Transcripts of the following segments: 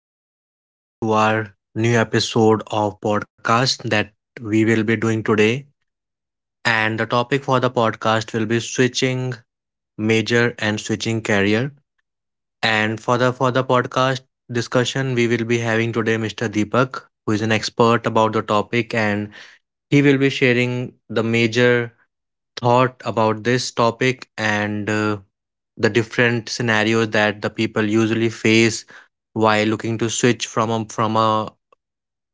And a warm welcome to our new episode of podcast that we will be doing today. And the topic for the podcast will be switching major and switching career. And for the podcast discussion, we will be having today Mr. Deepak, who is an expert about the topic, and he will be sharing the major thought about this topic, and the different scenarios that the people usually face while looking to switch from a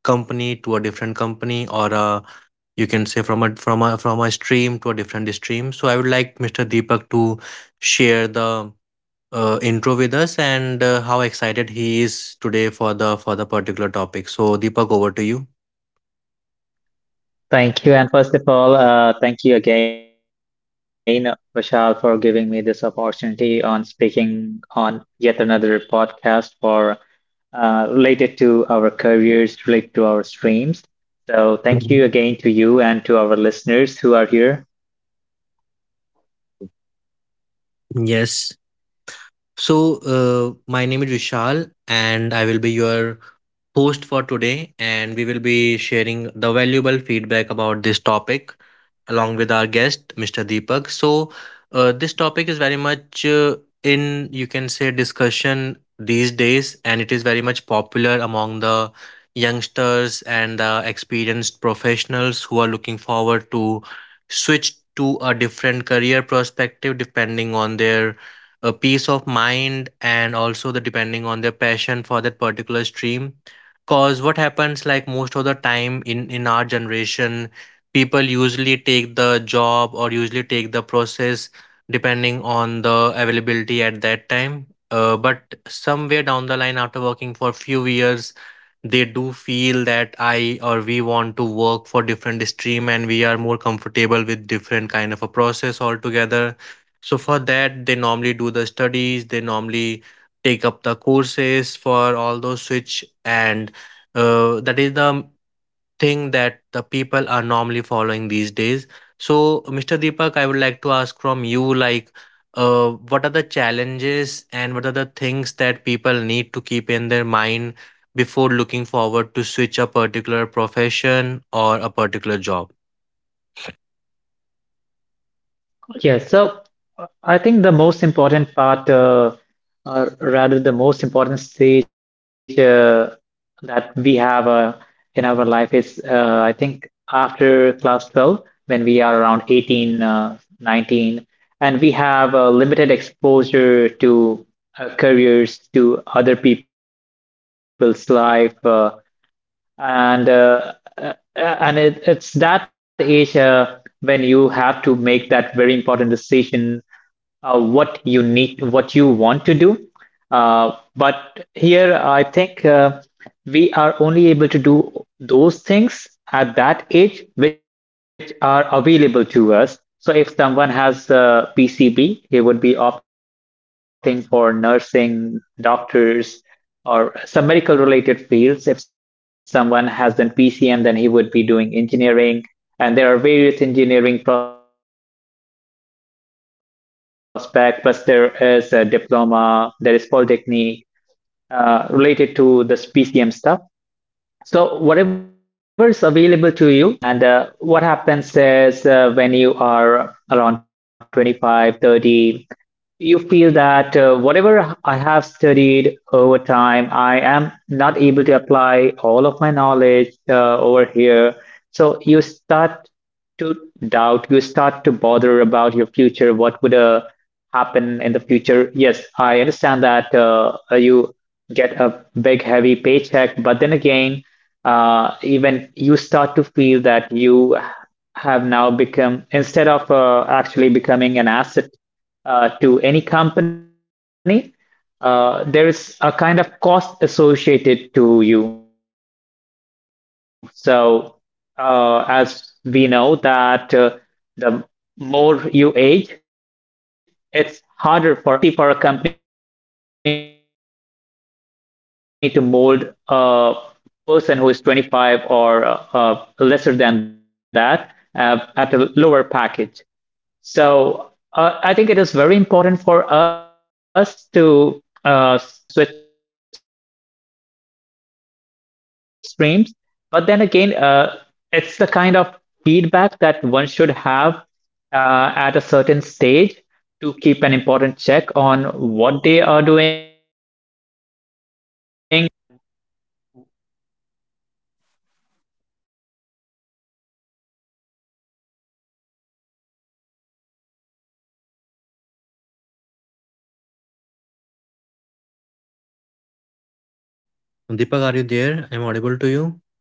company to a different company, or a, you can say, from a stream to a different stream. So I would like Mr. Deepak to share the intro with us and how excited he is today for the particular topic. So Deepak, over to you. Thank you. And first of all, thank you again, Vishal, for giving me this opportunity on speaking on yet another podcast for related to our careers, related to our streams. So thank you Mhm. again to you and to our listeners who are here. Yes. So, my name is Vishal, and I will be your host for today, and we will be sharing the valuable feedback about this topic along with our guest, Mr. Deepak. So, this topic is very much in, you can say, discussion these days, and it is very much popular among the youngsters and the experienced professionals who are looking forward to switch to a different career perspective depending on their peace of mind, and also the depending on their passion for that particular stream. Cause what happens, like most of the time in our generation, people usually take the job or usually take the process depending on the availability at that time. But somewhere down the line, after working for few years, they do feel that I or we want to work for different stream and we are more comfortable with different kind of a process altogether. So for that, they normally do the studies. They normally take up the courses for all those switch, and that is the thing that the people are normally following these days. So, Mr. Deepak, I would like to ask from you, like, what are the challenges and what are the things that people need to keep in their mind before looking forward to switch a particular profession or a particular job? Yeah, so I think the most important part, or rather the most important stage that we have in our life is, I think, after class 12, when we are around 18, 19, and we have limited exposure to careers, to other people's life, and uh, and it's that age when you have to make that very important decision what you want to do. But here, I think we are only able to do those things at that age which are available to us. So if someone has PCB, he would be opting for nursing, doctors, or some medical related fields. If someone has an PCM, then he would be doing engineering. And there are various engineering prospects, plus there is a diploma, there is polytechnic, related to this PCM stuff. So whatever is available to you, you move forward with that itself. And what happens is when you are around 25, 30, you feel that whatever I have studied over time, I am not able to apply all of my knowledge over here. So you start to doubt, you start to bother about what would happen in the future? Yes, I understand that you get a big, heavy paycheck, but then again, even you start to feel that you have now become, instead of actually becoming an asset to any company, there is a kind of cost associated to you. So, as we know that the more you age, it's harder for us to for a company to mold you, and it's easy for a company to mold a person who is 25 or lesser than that at a lower package. So I think it is very important for us to, I mean, it's not mandatory or important for everyone to switch careers and switch streams. But then again, it's the kind of feedback that one should have at a certain stage to keep an important check on what they are. Deepak, are you there? I'm audible to you.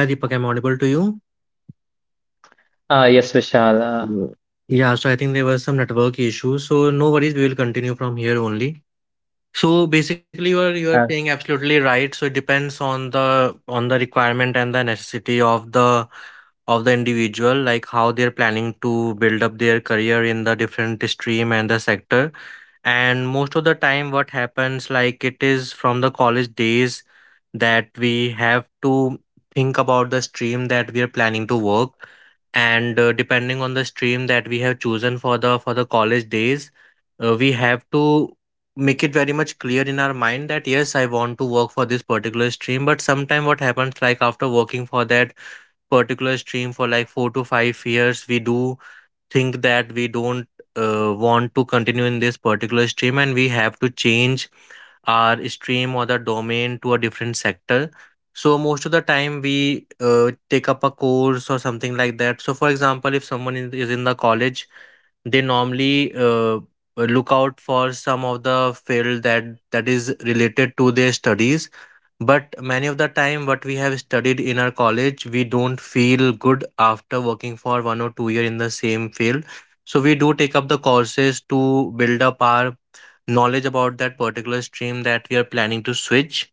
Yeah, Deepak, I'm audible to you. Yes, Vishal. Yeah, so I think there were some network issues. So, no worries, we will continue from here only. So basically, you are saying Uh, absolutely right. So it depends on the requirement and the necessity of the individual, like how they're planning to build up their career in the different stream and the sector. And most of the time what happens, like it is from the college days that we have to think about the stream that we are planning to work, and depending on the stream that we have chosen for the college days, we have to make it very much clear in our mind that yes, I want to work for this particular stream. But sometime what happens, like after working for that particular stream for like 4 to 5 years, we do think that we don't want to continue in this particular stream and we have to change our stream or the domain to a different sector. So most of the time we take up a course or something like that. So for example, if someone is in the college, they normally look out for some of the field that is related to their studies. But many of the time, what we have studied in our college, we don't feel good after working for 1 or 2 year in the same field. So we do take up the courses to build up our knowledge about that particular stream that we are planning to switch,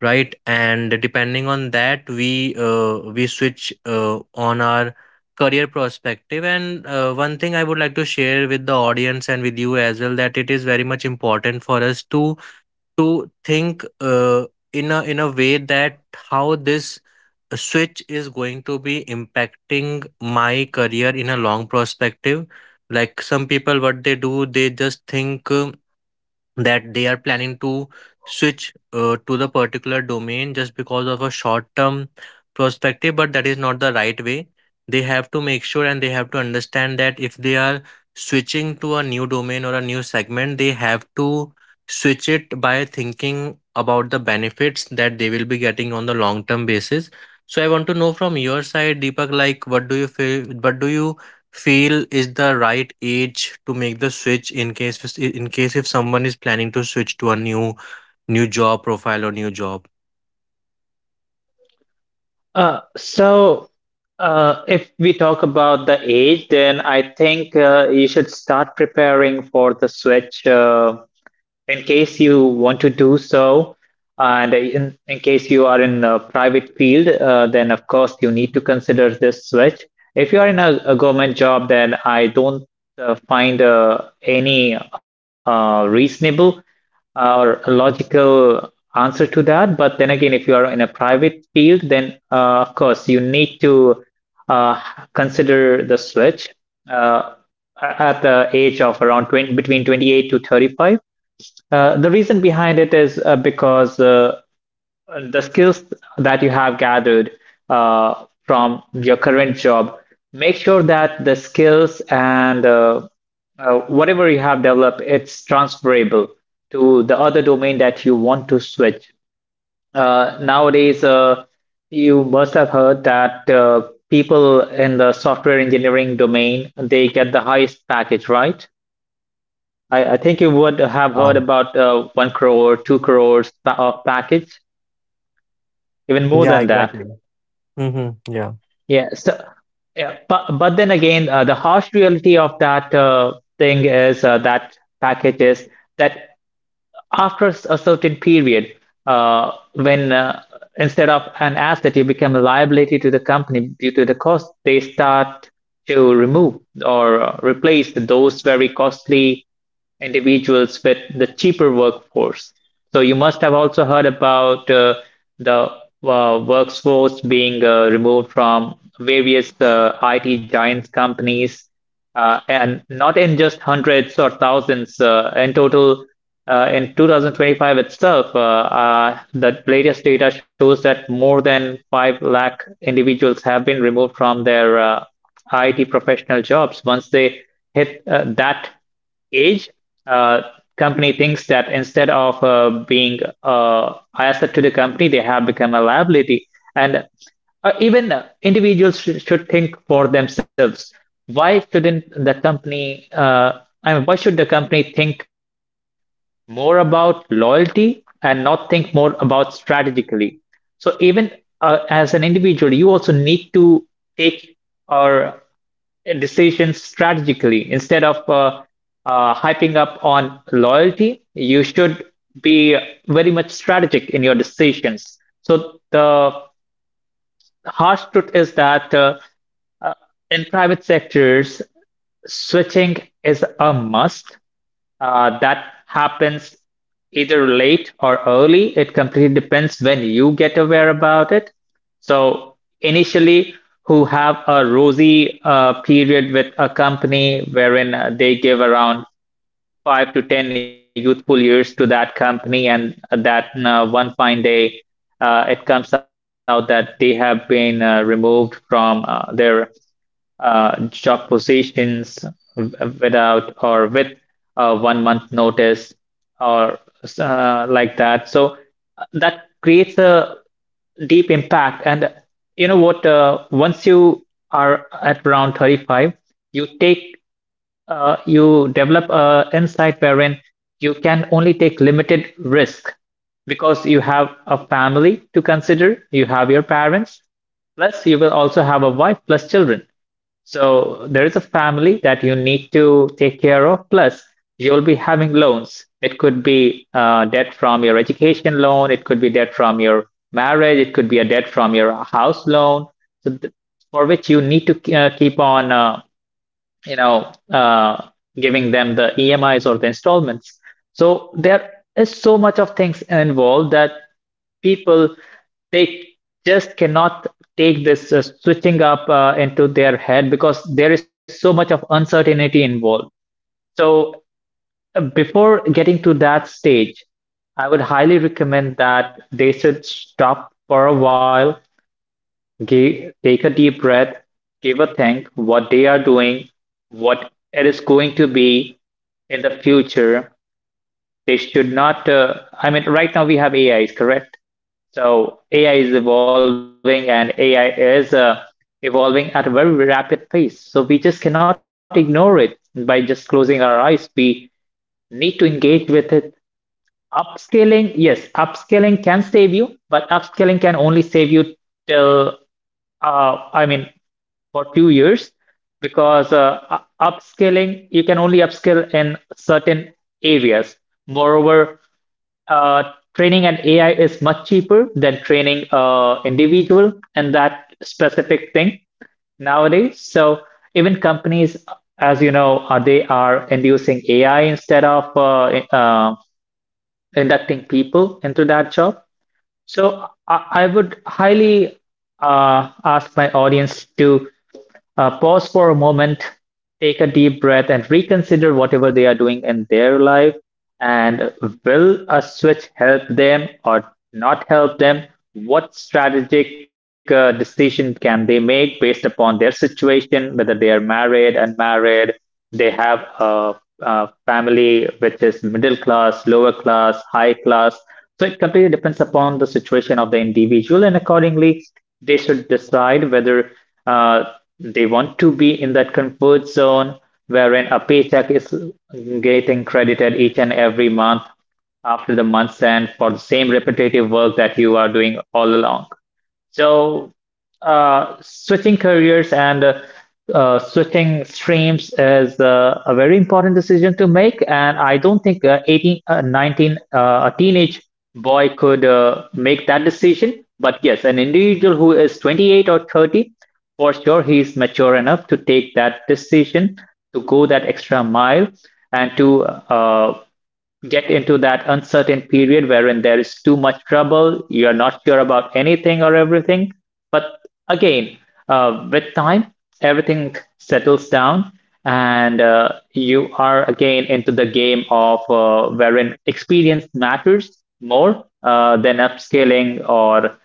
right? And depending on that, we switch on our career perspective. And one thing I would like to share with the audience and with you as well, that it is very much important for us to think in a way that how this switch is going to be impacting my career in a long perspective. Like, some people, what they do, they just think that they are planning to switch to the particular domain just because of a short term perspective, but that is not the right way. They have to make sure and they have to understand that if they are switching to a new domain or a new segment, they have to switch it by thinking about the benefits that they will be getting on the long term basis. So I want to know from your side, Deepak, like what do you feel is the right age to make the switch, in case if someone is planning to switch to a new job profile or new job. Uh, so, if we talk about the age, then I think you should start preparing for the switch. In case you want to do so, and in case you are in a private field, then of course you need to consider this switch. If you are in a government job, then I don't find any reasonable or logical answer to that. But then again, if you are in a private field, then of course you need to uh, consider the switch uh, at the age of around 20, between 28 to 35. The reason behind it is because the skills that you have gathered from your current job, make sure that the skills and whatever you have developed, it's transferable to the other domain that you want to switch. Nowadays, you must have heard that people in the software engineering domain, they get the highest package, right? I think you would have Yeah, heard about one crore, two crores of package, even more yeah than that. exactly. Mm-hmm. Yeah. Yeah. So, yeah, but then again, the harsh reality of that thing is that package is that after a certain period, when instead of an asset, you become a liability to the company due to the cost, they start to remove or replace those very costly individuals with the cheaper workforce. So you must have also heard about the workforce being removed from various IT giants companies, and not in just hundreds or thousands. In total, in 2025 itself, the latest data shows that more than 5 lakh individuals have been removed from their IT professional jobs once they hit that age, uh, company thinks that instead of being asset to the company, they have become a liability. And even individuals should think for themselves. Why shouldn't the company? I mean, why should the company think more about loyalty and not think more about strategically? So even as an individual, you also need to take or decisions strategically. Instead of hyping up on loyalty, you should be very much strategic in your decisions. So the harsh truth is that uh, in private sectors, switching is a must, that happens either late or early. It completely depends when you get aware about it. So initially, who have a rosy period with a company wherein they give around 5 to 10 youthful years to that company, and that one fine day it comes out that they have been removed from their job positions w- without or with a 1 month notice or like that. So that creates a deep impact. And you know what? Once you are at around 35, you take you develop a insight wherein you can only take limited risk because you have a family to consider, you have your parents, plus you will also have a wife plus children. So there is a family that you need to take care of, plus you'll be having loans. It could be debt from your education loan, it could be debt from your marriage, it could be a debt from your house loan. So th for which you need to keep on, you know, uh, giving them the EMIs or the installments. So there is so much of things involved that people they just cannot take this switching up into their head because there is so much of uncertainty involved. So before getting to that stage, I would highly recommend that they should stop for a while, give, take a deep breath, give a think what they are doing, what it is going to be in the future, they should not I mean, right now we have AI, is correct. So AI is evolving and AI is evolving at a very rapid pace, so we just cannot ignore it by just closing our eyes. We need to engage with it. Upscaling, yes, upscaling can save you, upscaling can only save you till I mean for few years, because upscaling, you can only upscale in certain areas. Moreover, uh, training an AI is much cheaper than training a individual in that specific thing nowadays. So even companies, as you know, they are inducing AI instead of inducting people into that job. So I would highly ask my audience to pause for a moment, take a deep breath, and reconsider whatever they are doing in their life. And will a switch help them or not help them? What strategic decision can they make based upon their situation, whether they are married, unmarried, they have a family which is middle class, lower class, high class? So it completely depends upon the situation of the individual, and accordingly, they should decide whether uh, they want to be in that comfort zone wherein a paycheck is getting credited each and every month after the month's end for the same repetitive work that you are doing all along. So, switching careers and switching streams is a very important decision to make, and I don't think 18, 19, a teenage boy could make that decision. But yes, an individual who is 28 or 30, for sure, he's mature enough to take that decision, to go that extra mile, and to get into that uncertain period wherein there is too much trouble, you're not sure about anything or everything. But again, with time, everything settles down, and you are again into the game of wherein experience matters more than upscaling or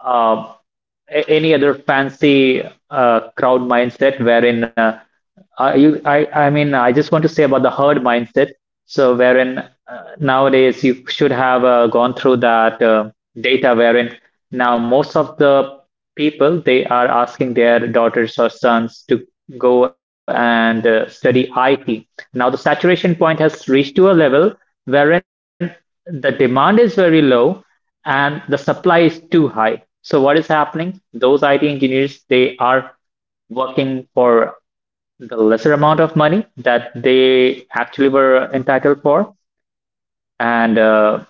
uh, any other fancy crowd mindset wherein I mean, I just want to say about the herd mindset. So, wherein nowadays you should have gone through that data, wherein now most of the people they are asking their daughters or sons to go and study IT. Now, the saturation point has reached to a level wherein the demand is very low and the supply is too high. So what is happening? Those IT engineers, they are working for the lesser amount of money that they actually entitled for, and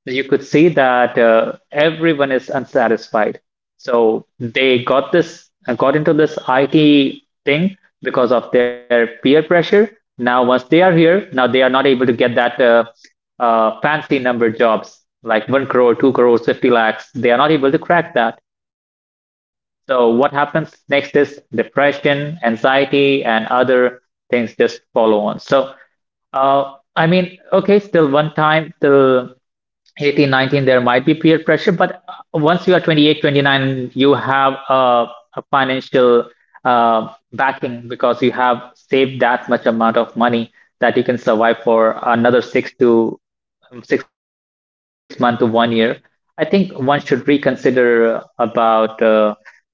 you could see that everyone is unsatisfied. So they got into this IT thing because of their peer pressure. Now, once they are here, now they are not able to get that fancy number jobs like one crore, two crores, 50 lakhs. They are not able to crack that. So what happens next is depression, anxiety, and other things just follow on. So okay, still one time, till 18, 19, there might be peer pressure, but once you are 28, 29, you have a financial backing because you have saved that much amount of money that you can survive for another six month to one year. I think one should reconsider about the switching.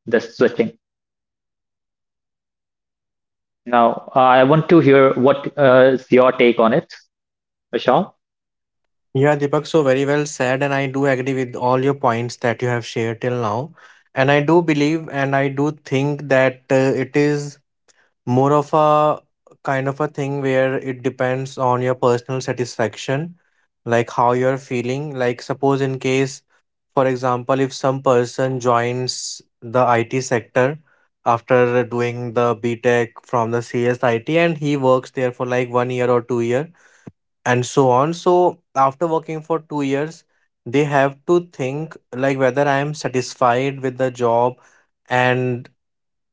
Now, I want to hear what is your take on it, Vishal? Yeah, Deepak, so very well said, and I do agree with all your points that you have shared till now. And I do believe and I do think that it is more of a kind of a thing where it depends on your personal satisfaction, like how you're feeling. Like, suppose, in case, for example, if some person joins the IT sector after doing the B Tech from the CSIT and he works there for like 1 year or 2 year and so on. So, after working for 2 years, they have to think like whether I am satisfied with the job, and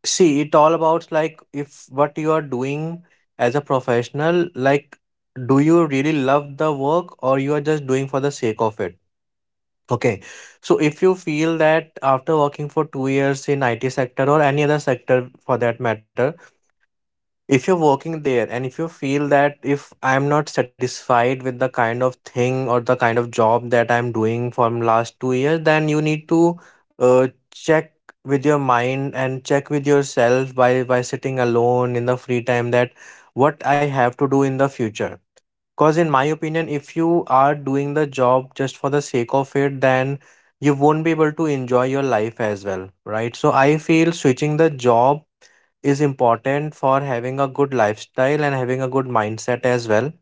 see, it all about, like, if what you are doing as a professional, like, do you really love the work or you are just doing for the sake of it? Okay. So if you feel that after working for 2 years in IT sector or any other sector for that matter, if you're working there and if you feel that if I'm not satisfied with the kind of thing or the kind of job that I'm doing from last 2 years, then you need to check with your mind and check with yourself by sitting alone in the free time that what I have to do in the future. Because in my opinion, if you are doing the job just for the sake of it, then you won't be able to enjoy your life as well, right? So I feel switching the job is important for having a good lifestyle and having a good mindset as well.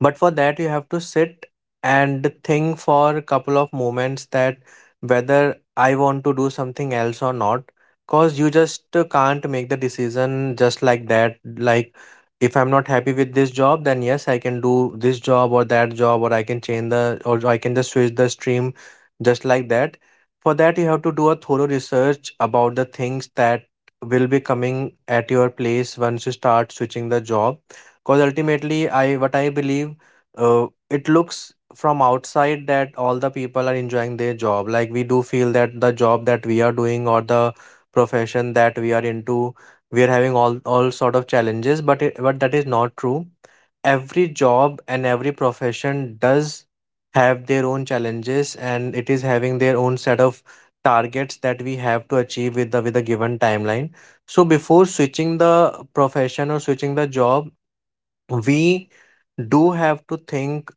But for that, you have to sit and think for a couple of moments that whether I want to do something else or not. Cause you just can't make the decision just like that. Like, if I'm not happy with this job, then yes, I can do this job or that job, or I can change the, or I can just switch the stream just like that. For that, you have to do a thorough research about the things that will be coming at your place once you start switching the job. Because ultimately, I, what I believe, it looks from outside that all the people are enjoying their job. Like, we do feel that the job that we are doing or the profession that we are into, we are having all sort of challenges. But it, but that is not true. Every job and every profession does have their own challenges, and it is having their own set of targets that we have to achieve with the with a given timeline. So before switching the profession or switching the job, we do have to think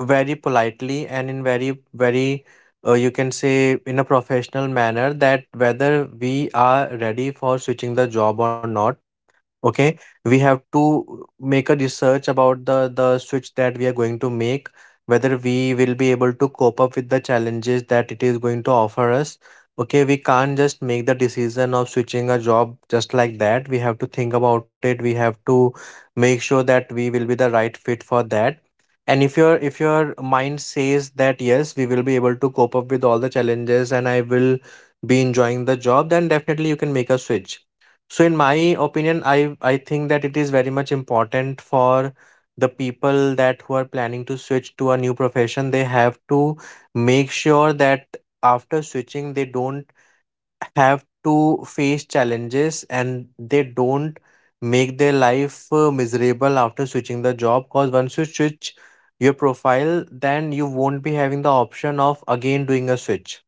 very politely and in very you can say in a professional manner, that whether we are ready for switching the job or not. Okay, we have to make a research about the switch that we are going to make, whether we will be able to cope up with the challenges that it is going to offer us. Okay, we can't just make the decision of switching a job just like that. We have to think about it. We have to make sure that we will be the right fit for that. And if your mind says that yes, we will be able to cope up with all the challenges and I will be enjoying the job, then definitely you can make a switch. So in my opinion, I think that it is very much important for the people that who are planning to switch to a new profession, they have to make sure that after switching, they don't have to face challenges and they don't make their life miserable after switching the job. Because once you switch your profile, then you won't be having the option of again doing a switch,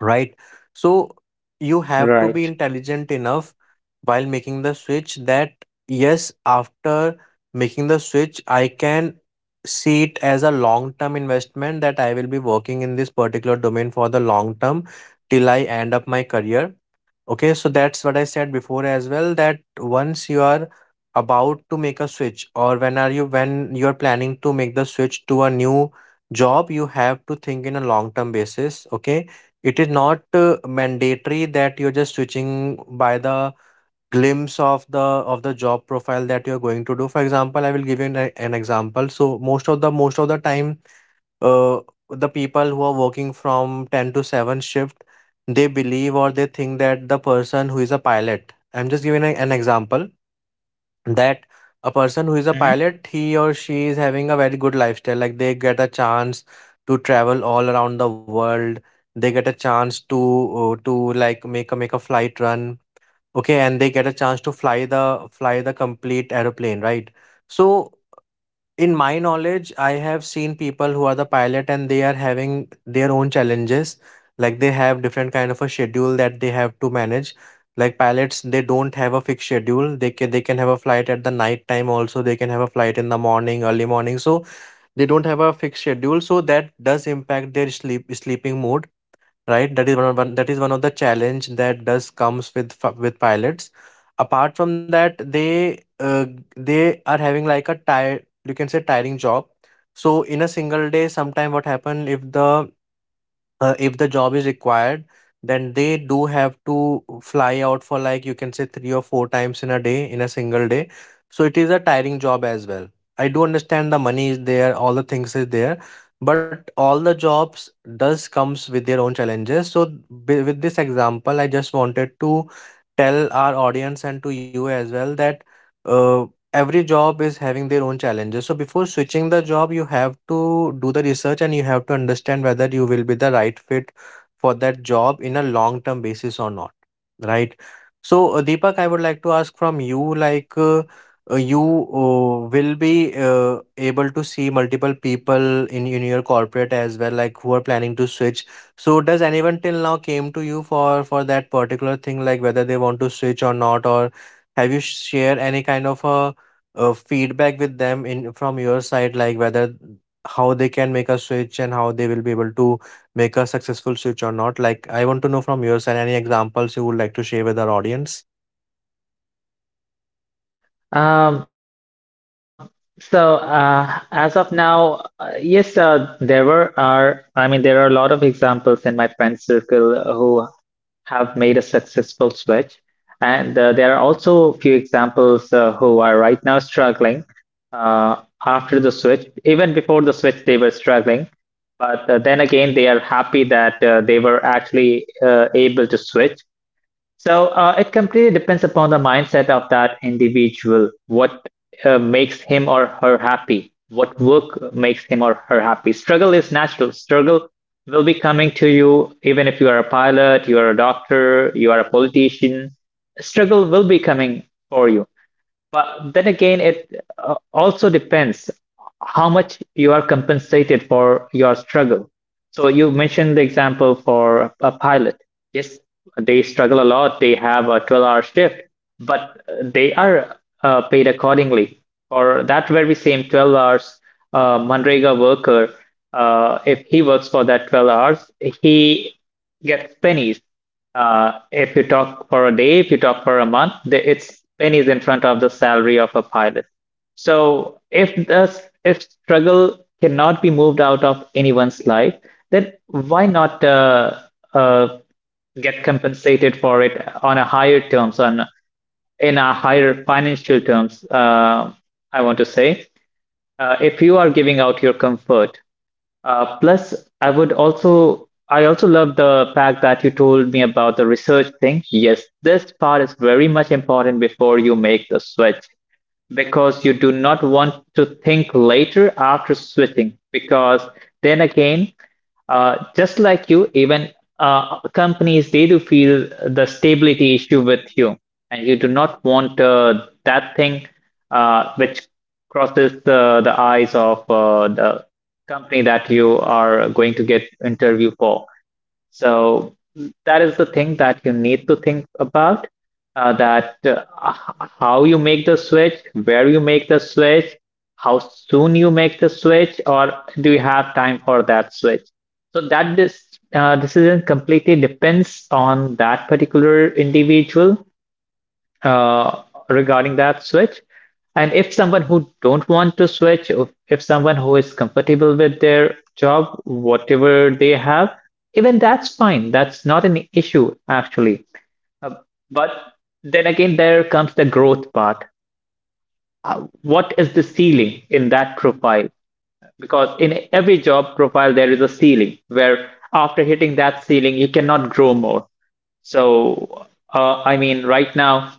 right? So you have to be intelligent enough Right. while making the switch that yes, after making the switch, I can see it as a long term investment that I will be working in this particular domain for the long term till I end up my career. Okay, so that's what I said before as well that once you are about to make a switch or when you're planning to make the switch to a new job, you have to think in a long-term basis, okay? It is not mandatory that you're just switching by the glimpse of the job profile that you're going to do. For example, I will give you an example. So most of the time uh, the people who are working from 10 to 7 shift, they believe or they think that the person who is a pilot, I'm just giving an example that a person who is a pilot, Mhm. he or she is having a very good lifestyle, like they get a chance to travel all around the world. They get a chance to uh, to like make a flight run. Okay, and they get a chance to fly the complete aeroplane, right? So in my knowledge, I have seen people who are the pilot and they are having their own challenges. Like they have different kind of a schedule that they have to manage. Like pilots, they don't have a fixed schedule. They can have a flight at the night time also. They can have a flight in the morning, early morning. So they don't have a fixed schedule. So that does impact their sleeping mode, right? That is one of the challenge that does comes with with pilots. Apart from that, they are having like a tire, you can say tiring job. So in a single day, sometime what happen if the job is required, then they do have to fly out for like you can say three or four times in a day, in a single day. So it is a tiring job as well. I do understand the money is there, all the things is there, but all the jobs does comes with their own challenges. So with this example, I just wanted to tell our audience and to you as well that uh, every job is having their own challenges. So before switching the job, you have to do the research and you have to understand whether you will be the right fit for that job in a long term basis or not, right? So Deepak, I would like to ask from you, like you will be able to see multiple people in your corporate as well, like who are planning to switch. So does anyone till now came to you for that particular thing, like whether they want to switch or not, or have you shared any kind of a feedback with them in from your side, like whether how they can make a switch and how they will be able to make a successful switch or not. Like I want to know from your side any examples you would like to share with our audience. Um, as of now, yes, there were are I mean there are a lot of examples in my friend circle who have made a successful, and there are also a few examples who are right now struggling uh, after the switch. Even before the switch, they were struggling, but then again, they are happy that they were actually able to switch. So it completely depends upon the mindset of that individual. What makes him or her happy? What work makes him or her happy? Struggle is natural. Will be coming to you even if you are a pilot, you are a doctor, you are a politician. Struggle will be coming for you. But then again, it also depends how much you are compensated for your struggle. So you mentioned the example for pilot. Yes, they struggle a lot. They have a 12-hour shift, but they are paid accordingly. For that very same 12 hours, Manrega worker, if he works for that 12 hours, he gets pennies. If you talk for a day, if you talk for a month, it's pennies in front of the salary of a pilot. So if if struggle cannot be moved out of anyone's life, then why not uh, get compensated for it on a higher terms, on in a higher financial terms? I want to say, if you are giving out your comfort plus, I also love the fact that you told me about the research thing. Yes, this part is very much important before you make the switch. Because you do not want to think later after switching. Because then again, just like you, even companies, they do feel the stability issue with you, and you do not want that thing which crosses the eyes of the company that you are going to get interview for. So that is the thing that you need to think about how you make the switch, where you make the switch, how soon you make the switch, or do you have time for that switch? So that this decision completely depends on that particular individual uh, regarding that switch. And if someone who don't want to switch, if someone who is comfortable with their job, whatever they have, even that's fine. That's not an issue actually. Uh, but then again, there comes the growth part. What is the ceiling in that profile? Because in every job profile, there is a ceiling where after hitting that ceiling, you cannot grow more. So, right now,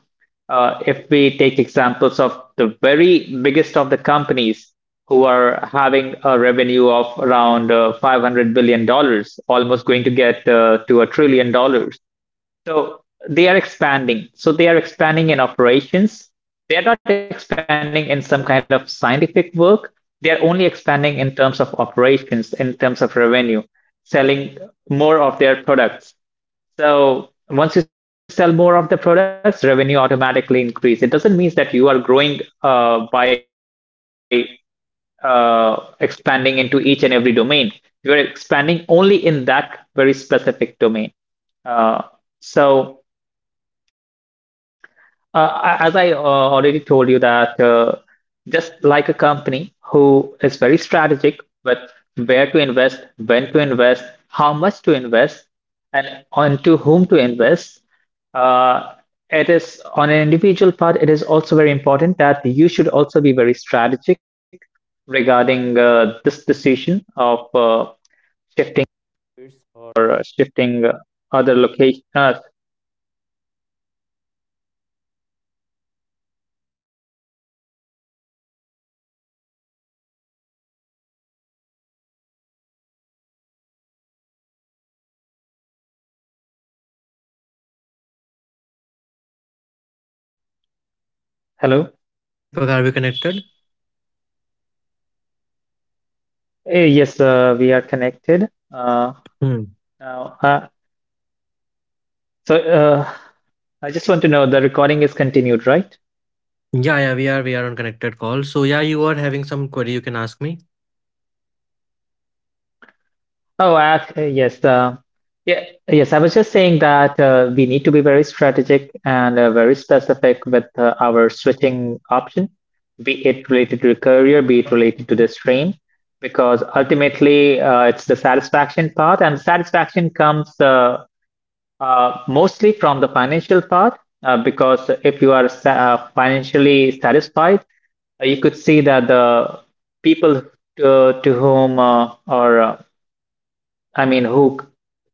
if we take examples of the very biggest of the companies who are having a revenue of around 500 billion dollars, almost going to get to a trillion dollars. So they are expanding. So they are expanding in operations. They are not expanding in some kind of scientific work. They are only expanding in terms of operations, in terms of revenue, selling more of their products. So once you sell more of the products, revenue automatically increase. It doesn't mean that you are growing by expanding into each and every domain. You are expanding only in that very specific domain. Uh, so as I already told you that just like a company who is very strategic with where to invest, when to invest, how much to invest, and on to whom to invest, uh, it is on an individual part, it is also very important that you should also be very strategic regarding this decision of Hello. Yeah, Deepak, are we connected? Yes, we are connected. Hmm. Now, so I just want to know the recording is continued, right? Yeah, yeah, we are. We are on connected call. So yeah, you are having some query, you can ask me. Oh, yes. Yeah, yes. I was just saying that we need to be very strategic and very specific with our switching option, be it related to the career, be it related to the stream, because ultimately it's the satisfaction part, and satisfaction comes. Mostly from the financial part, because if you are sa financially satisfied, you could see that the people to whom or I mean who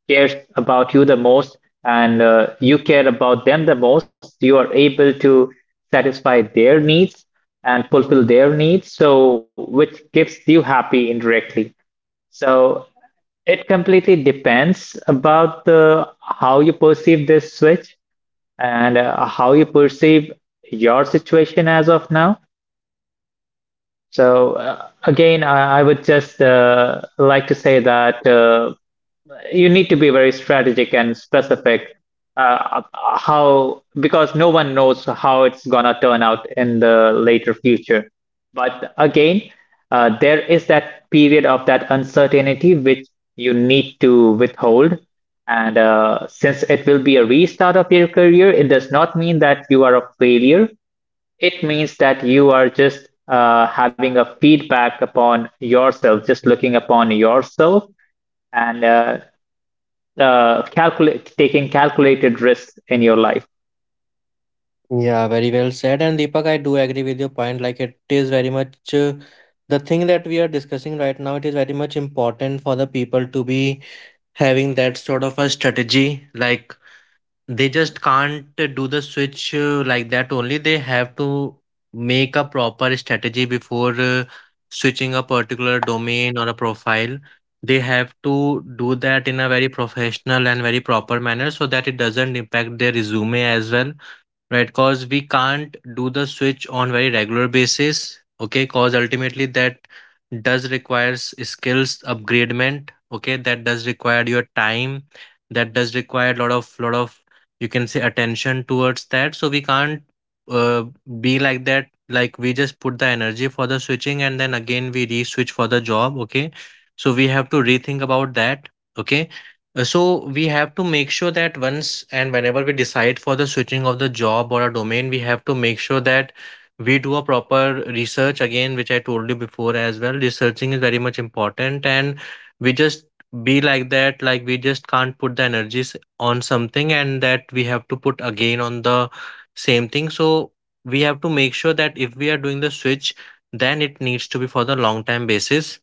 cares about you the most and you care about them the most, you are able to satisfy their needs and fulfill their needs, so which gives you happy indirectly. So it completely depends about the how you perceive this switch and how you perceive your situation as of now. So, again, I would just like to say that you need to be very strategic and specific uh, how, because no one knows how it's gonna turn out in the later future. But again, there is that period of that uncertainty which you need to withhold. And since it will be a restart of your career, it does not mean that you are a failure. It means that you are just having a feedback upon yourself, just looking upon yourself and calculate taking calculated risks in your life? Yeah, very well said. And Deepak, I do agree with your point. Like it is very much the thing that we are discussing right now. It is very much important for the people to be having that sort of a strategy. Like they just can't do the switch like that only. They have to make a proper strategy before switching a particular domain or a profile. They have to do that in a very professional and very proper manner so that it doesn't impact their resume as well, right? Because we can't do the switch on very regular basis, okay? Because ultimately that does requires skills upgradement, okay? That does require your time. That does require lot of, you can say, attention towards that. So we can't uh, be like that. Like we just put the energy for the switching and then again we re-switch for the job, okay? So we have to rethink about that, okay? So we have to make sure that once and whenever we decide for the switching of the job or a domain, we have to make sure that we do a proper research again, which I told you before as well. Researching is very much important, and we just be like that, like we just can't put the energies on something and that we have to put again on the same thing. So we have to make sure that if we are doing the switch, then it needs to be for the long time basis.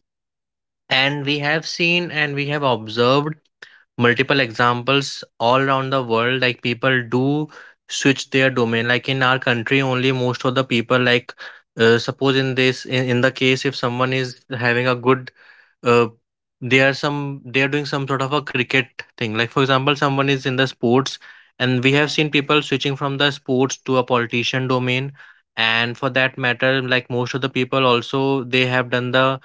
And we have seen and we have observed multiple examples all around the world, like people do switch their domain. Like in our country only, most of the people like suppose in this in the case if someone is having a good uh, they are some they are doing some sort of a cricket thing, like for example someone is in the sports, and we have seen people switching from the sports to a politician domain. And for that matter, like most of the people also, they have done the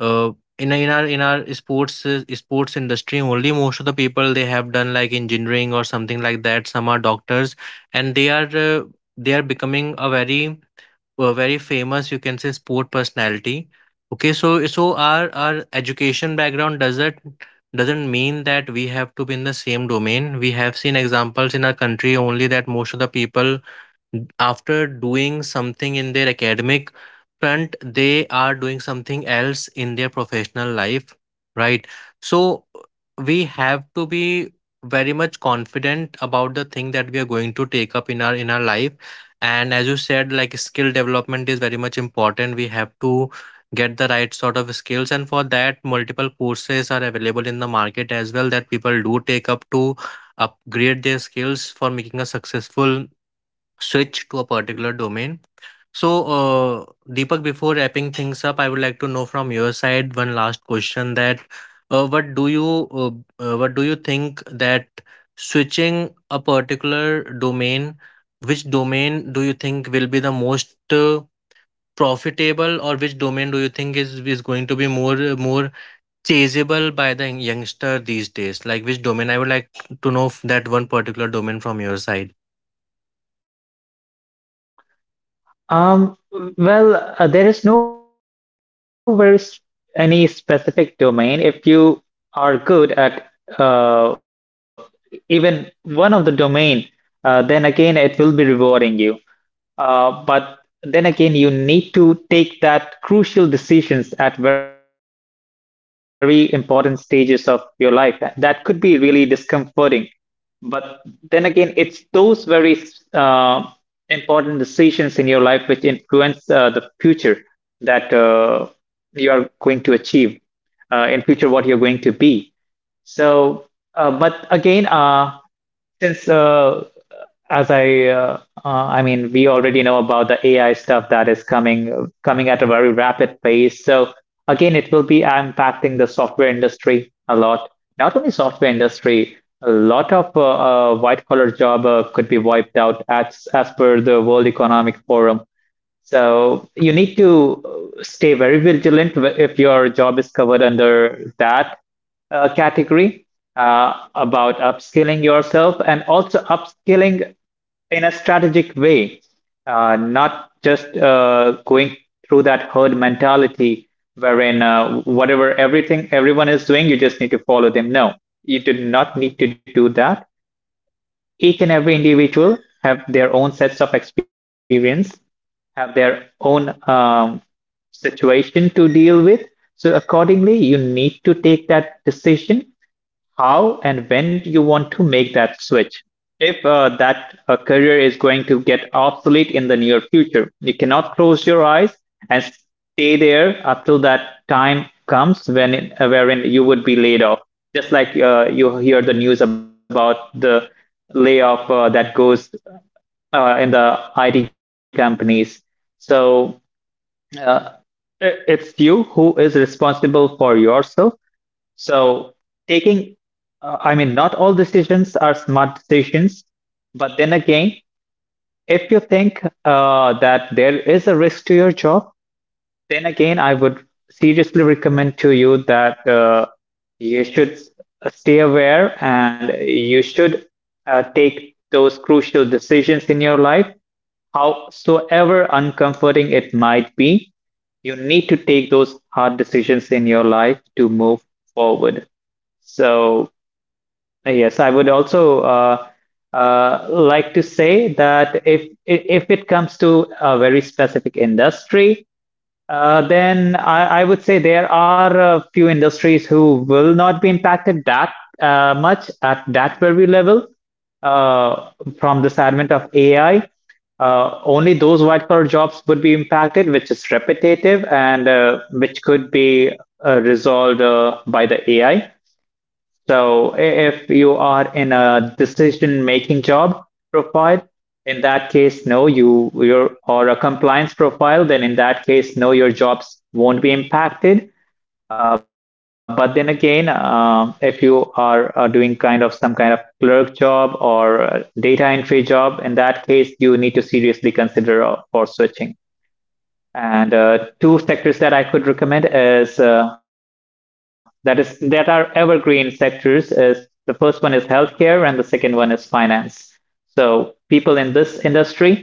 uh, in in our sports sports industry only, most of the people they have done like engineering or something like that, some are doctors, and they are becoming a very famous, you can say, sport personality. Okay, so our education background doesn't mean that we have to be in the same domain. We have seen examples in our country only that most of the people after doing something in their academic front, they are doing something else in their professional life, right? So we have to be very much confident about the thing that we are going to take up in our life. And as you said, like skill development is very much important. We have to get the right sort of skills, and for that multiple courses are available in the market as well that people do take up to upgrade their skills for making a successful switch to a particular domain. So, Deepak, before wrapping things up, I would like to know from your side one last question that uh, what do you uh, what do you think that switching a particular domain, which domain do you think will be the most profitable, or which domain do you think is going to be more more chaseable by the youngster these days? Like which domain? I would like to know that one particular domain from your side. Um, well, there is no very s- any specific domain. If you are good at uh, even one of the domain, then again it will be rewarding you. But then again, you need to take that crucial decisions at very important stages of your life. That could be really discomforting. But then again, it's those very uh, important decisions in your life which influence the future that you are going to achieve in future what you're going to be. So, but again, since as I mean, we already know about the AI stuff that is coming at a very rapid pace. So again, it will be impacting the software industry a lot. Not only software industry, a lot of white collar job could be wiped out as per the World Economic Forum. So you need to stay very vigilant if your job is covered under that category about upskilling yourself and also upskilling in a strategic way, not just going through that herd mentality wherein whatever everything everyone is doing, you just need to follow them. No, you do not need to do that. Each and every individual have their own sets of experience, have their own situation to deal with. So accordingly, you need to take that decision how and when do you want to make that switch? If that career is going to get obsolete in the near future, you cannot close your eyes and stay there until that time comes wherein you would be laid off. Just like you hear the news about the layoff that goes in the IT companies. So uh, it's you who is responsible for yourself. So taking not all decisions are smart decisions, but then again, if you think that there is a risk to your job, then again, I would seriously recommend to you that you should stay aware and you should take those crucial decisions in your life, howsoever uncomforting it might be. You need to take those hard decisions in your life to move forward. So yes, I would also like to say that if it comes to a very specific industry, then I would say there are a few industries who will not be impacted that much at that very level uh, from this advent of AI. Only those white collar jobs would be impacted, which is repetitive and which could be resolved by the AI. So if you are in a decision-making job profile, in that case, no, your or a compliance profile, then in that case, no, your jobs won't be impacted. But then again, if you are doing some kind of clerk job or data entry job, in that case, you need to seriously consider for switching. And two sectors that I could recommend is that are evergreen sectors is the first one is healthcare and the second one is finance. So people in this industry,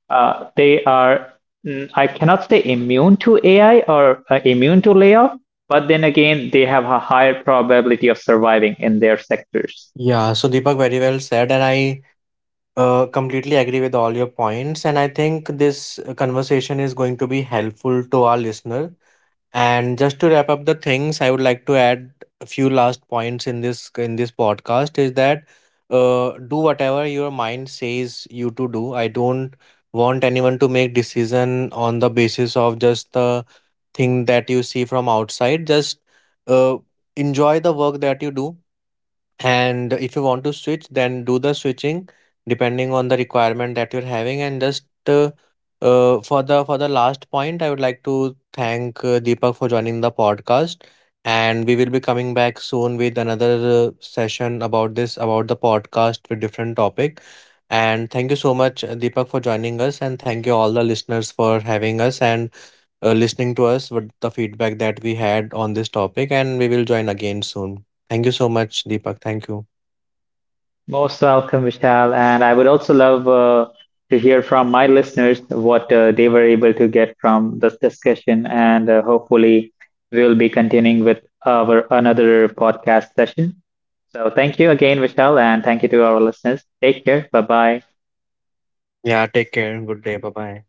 they are I cannot say immune to AI or immune to layoff, but then again, they have a higher probability of surviving in their sectors. Yeah, so Deepak, very well said, and I completely agree with all your points, and I think this conversation is going to be helpful to our listener. And just to wrap up the things, I would like to add a few last points in this podcast is that do whatever your mind says you to do. I don't want anyone to make decision on the basis of just the thing that you see from outside. Just uh, enjoy the work that you do, and if you want to switch, then do the switching depending on the requirement that you're having. And just uh, for the last point, I would like to thank Deepak for joining the podcast. And we will be coming back soon with another session about this about the podcast with different topic. And thank you so much, Deepak, for joining us, and thank you all the listeners for having us. And listening to us with the feedback that we had on this topic, and we will join again soon. Thank you so much, Deepak. Thank you. Most welcome, Vishal. And I would also love to hear from my listeners what they were able to get from this discussion. And hopefully, we will be continuing with our another podcast session. So, thank you again, Vishal, and thank you to our listeners. Take care. Bye bye. Yeah, take care. Good day. Bye bye.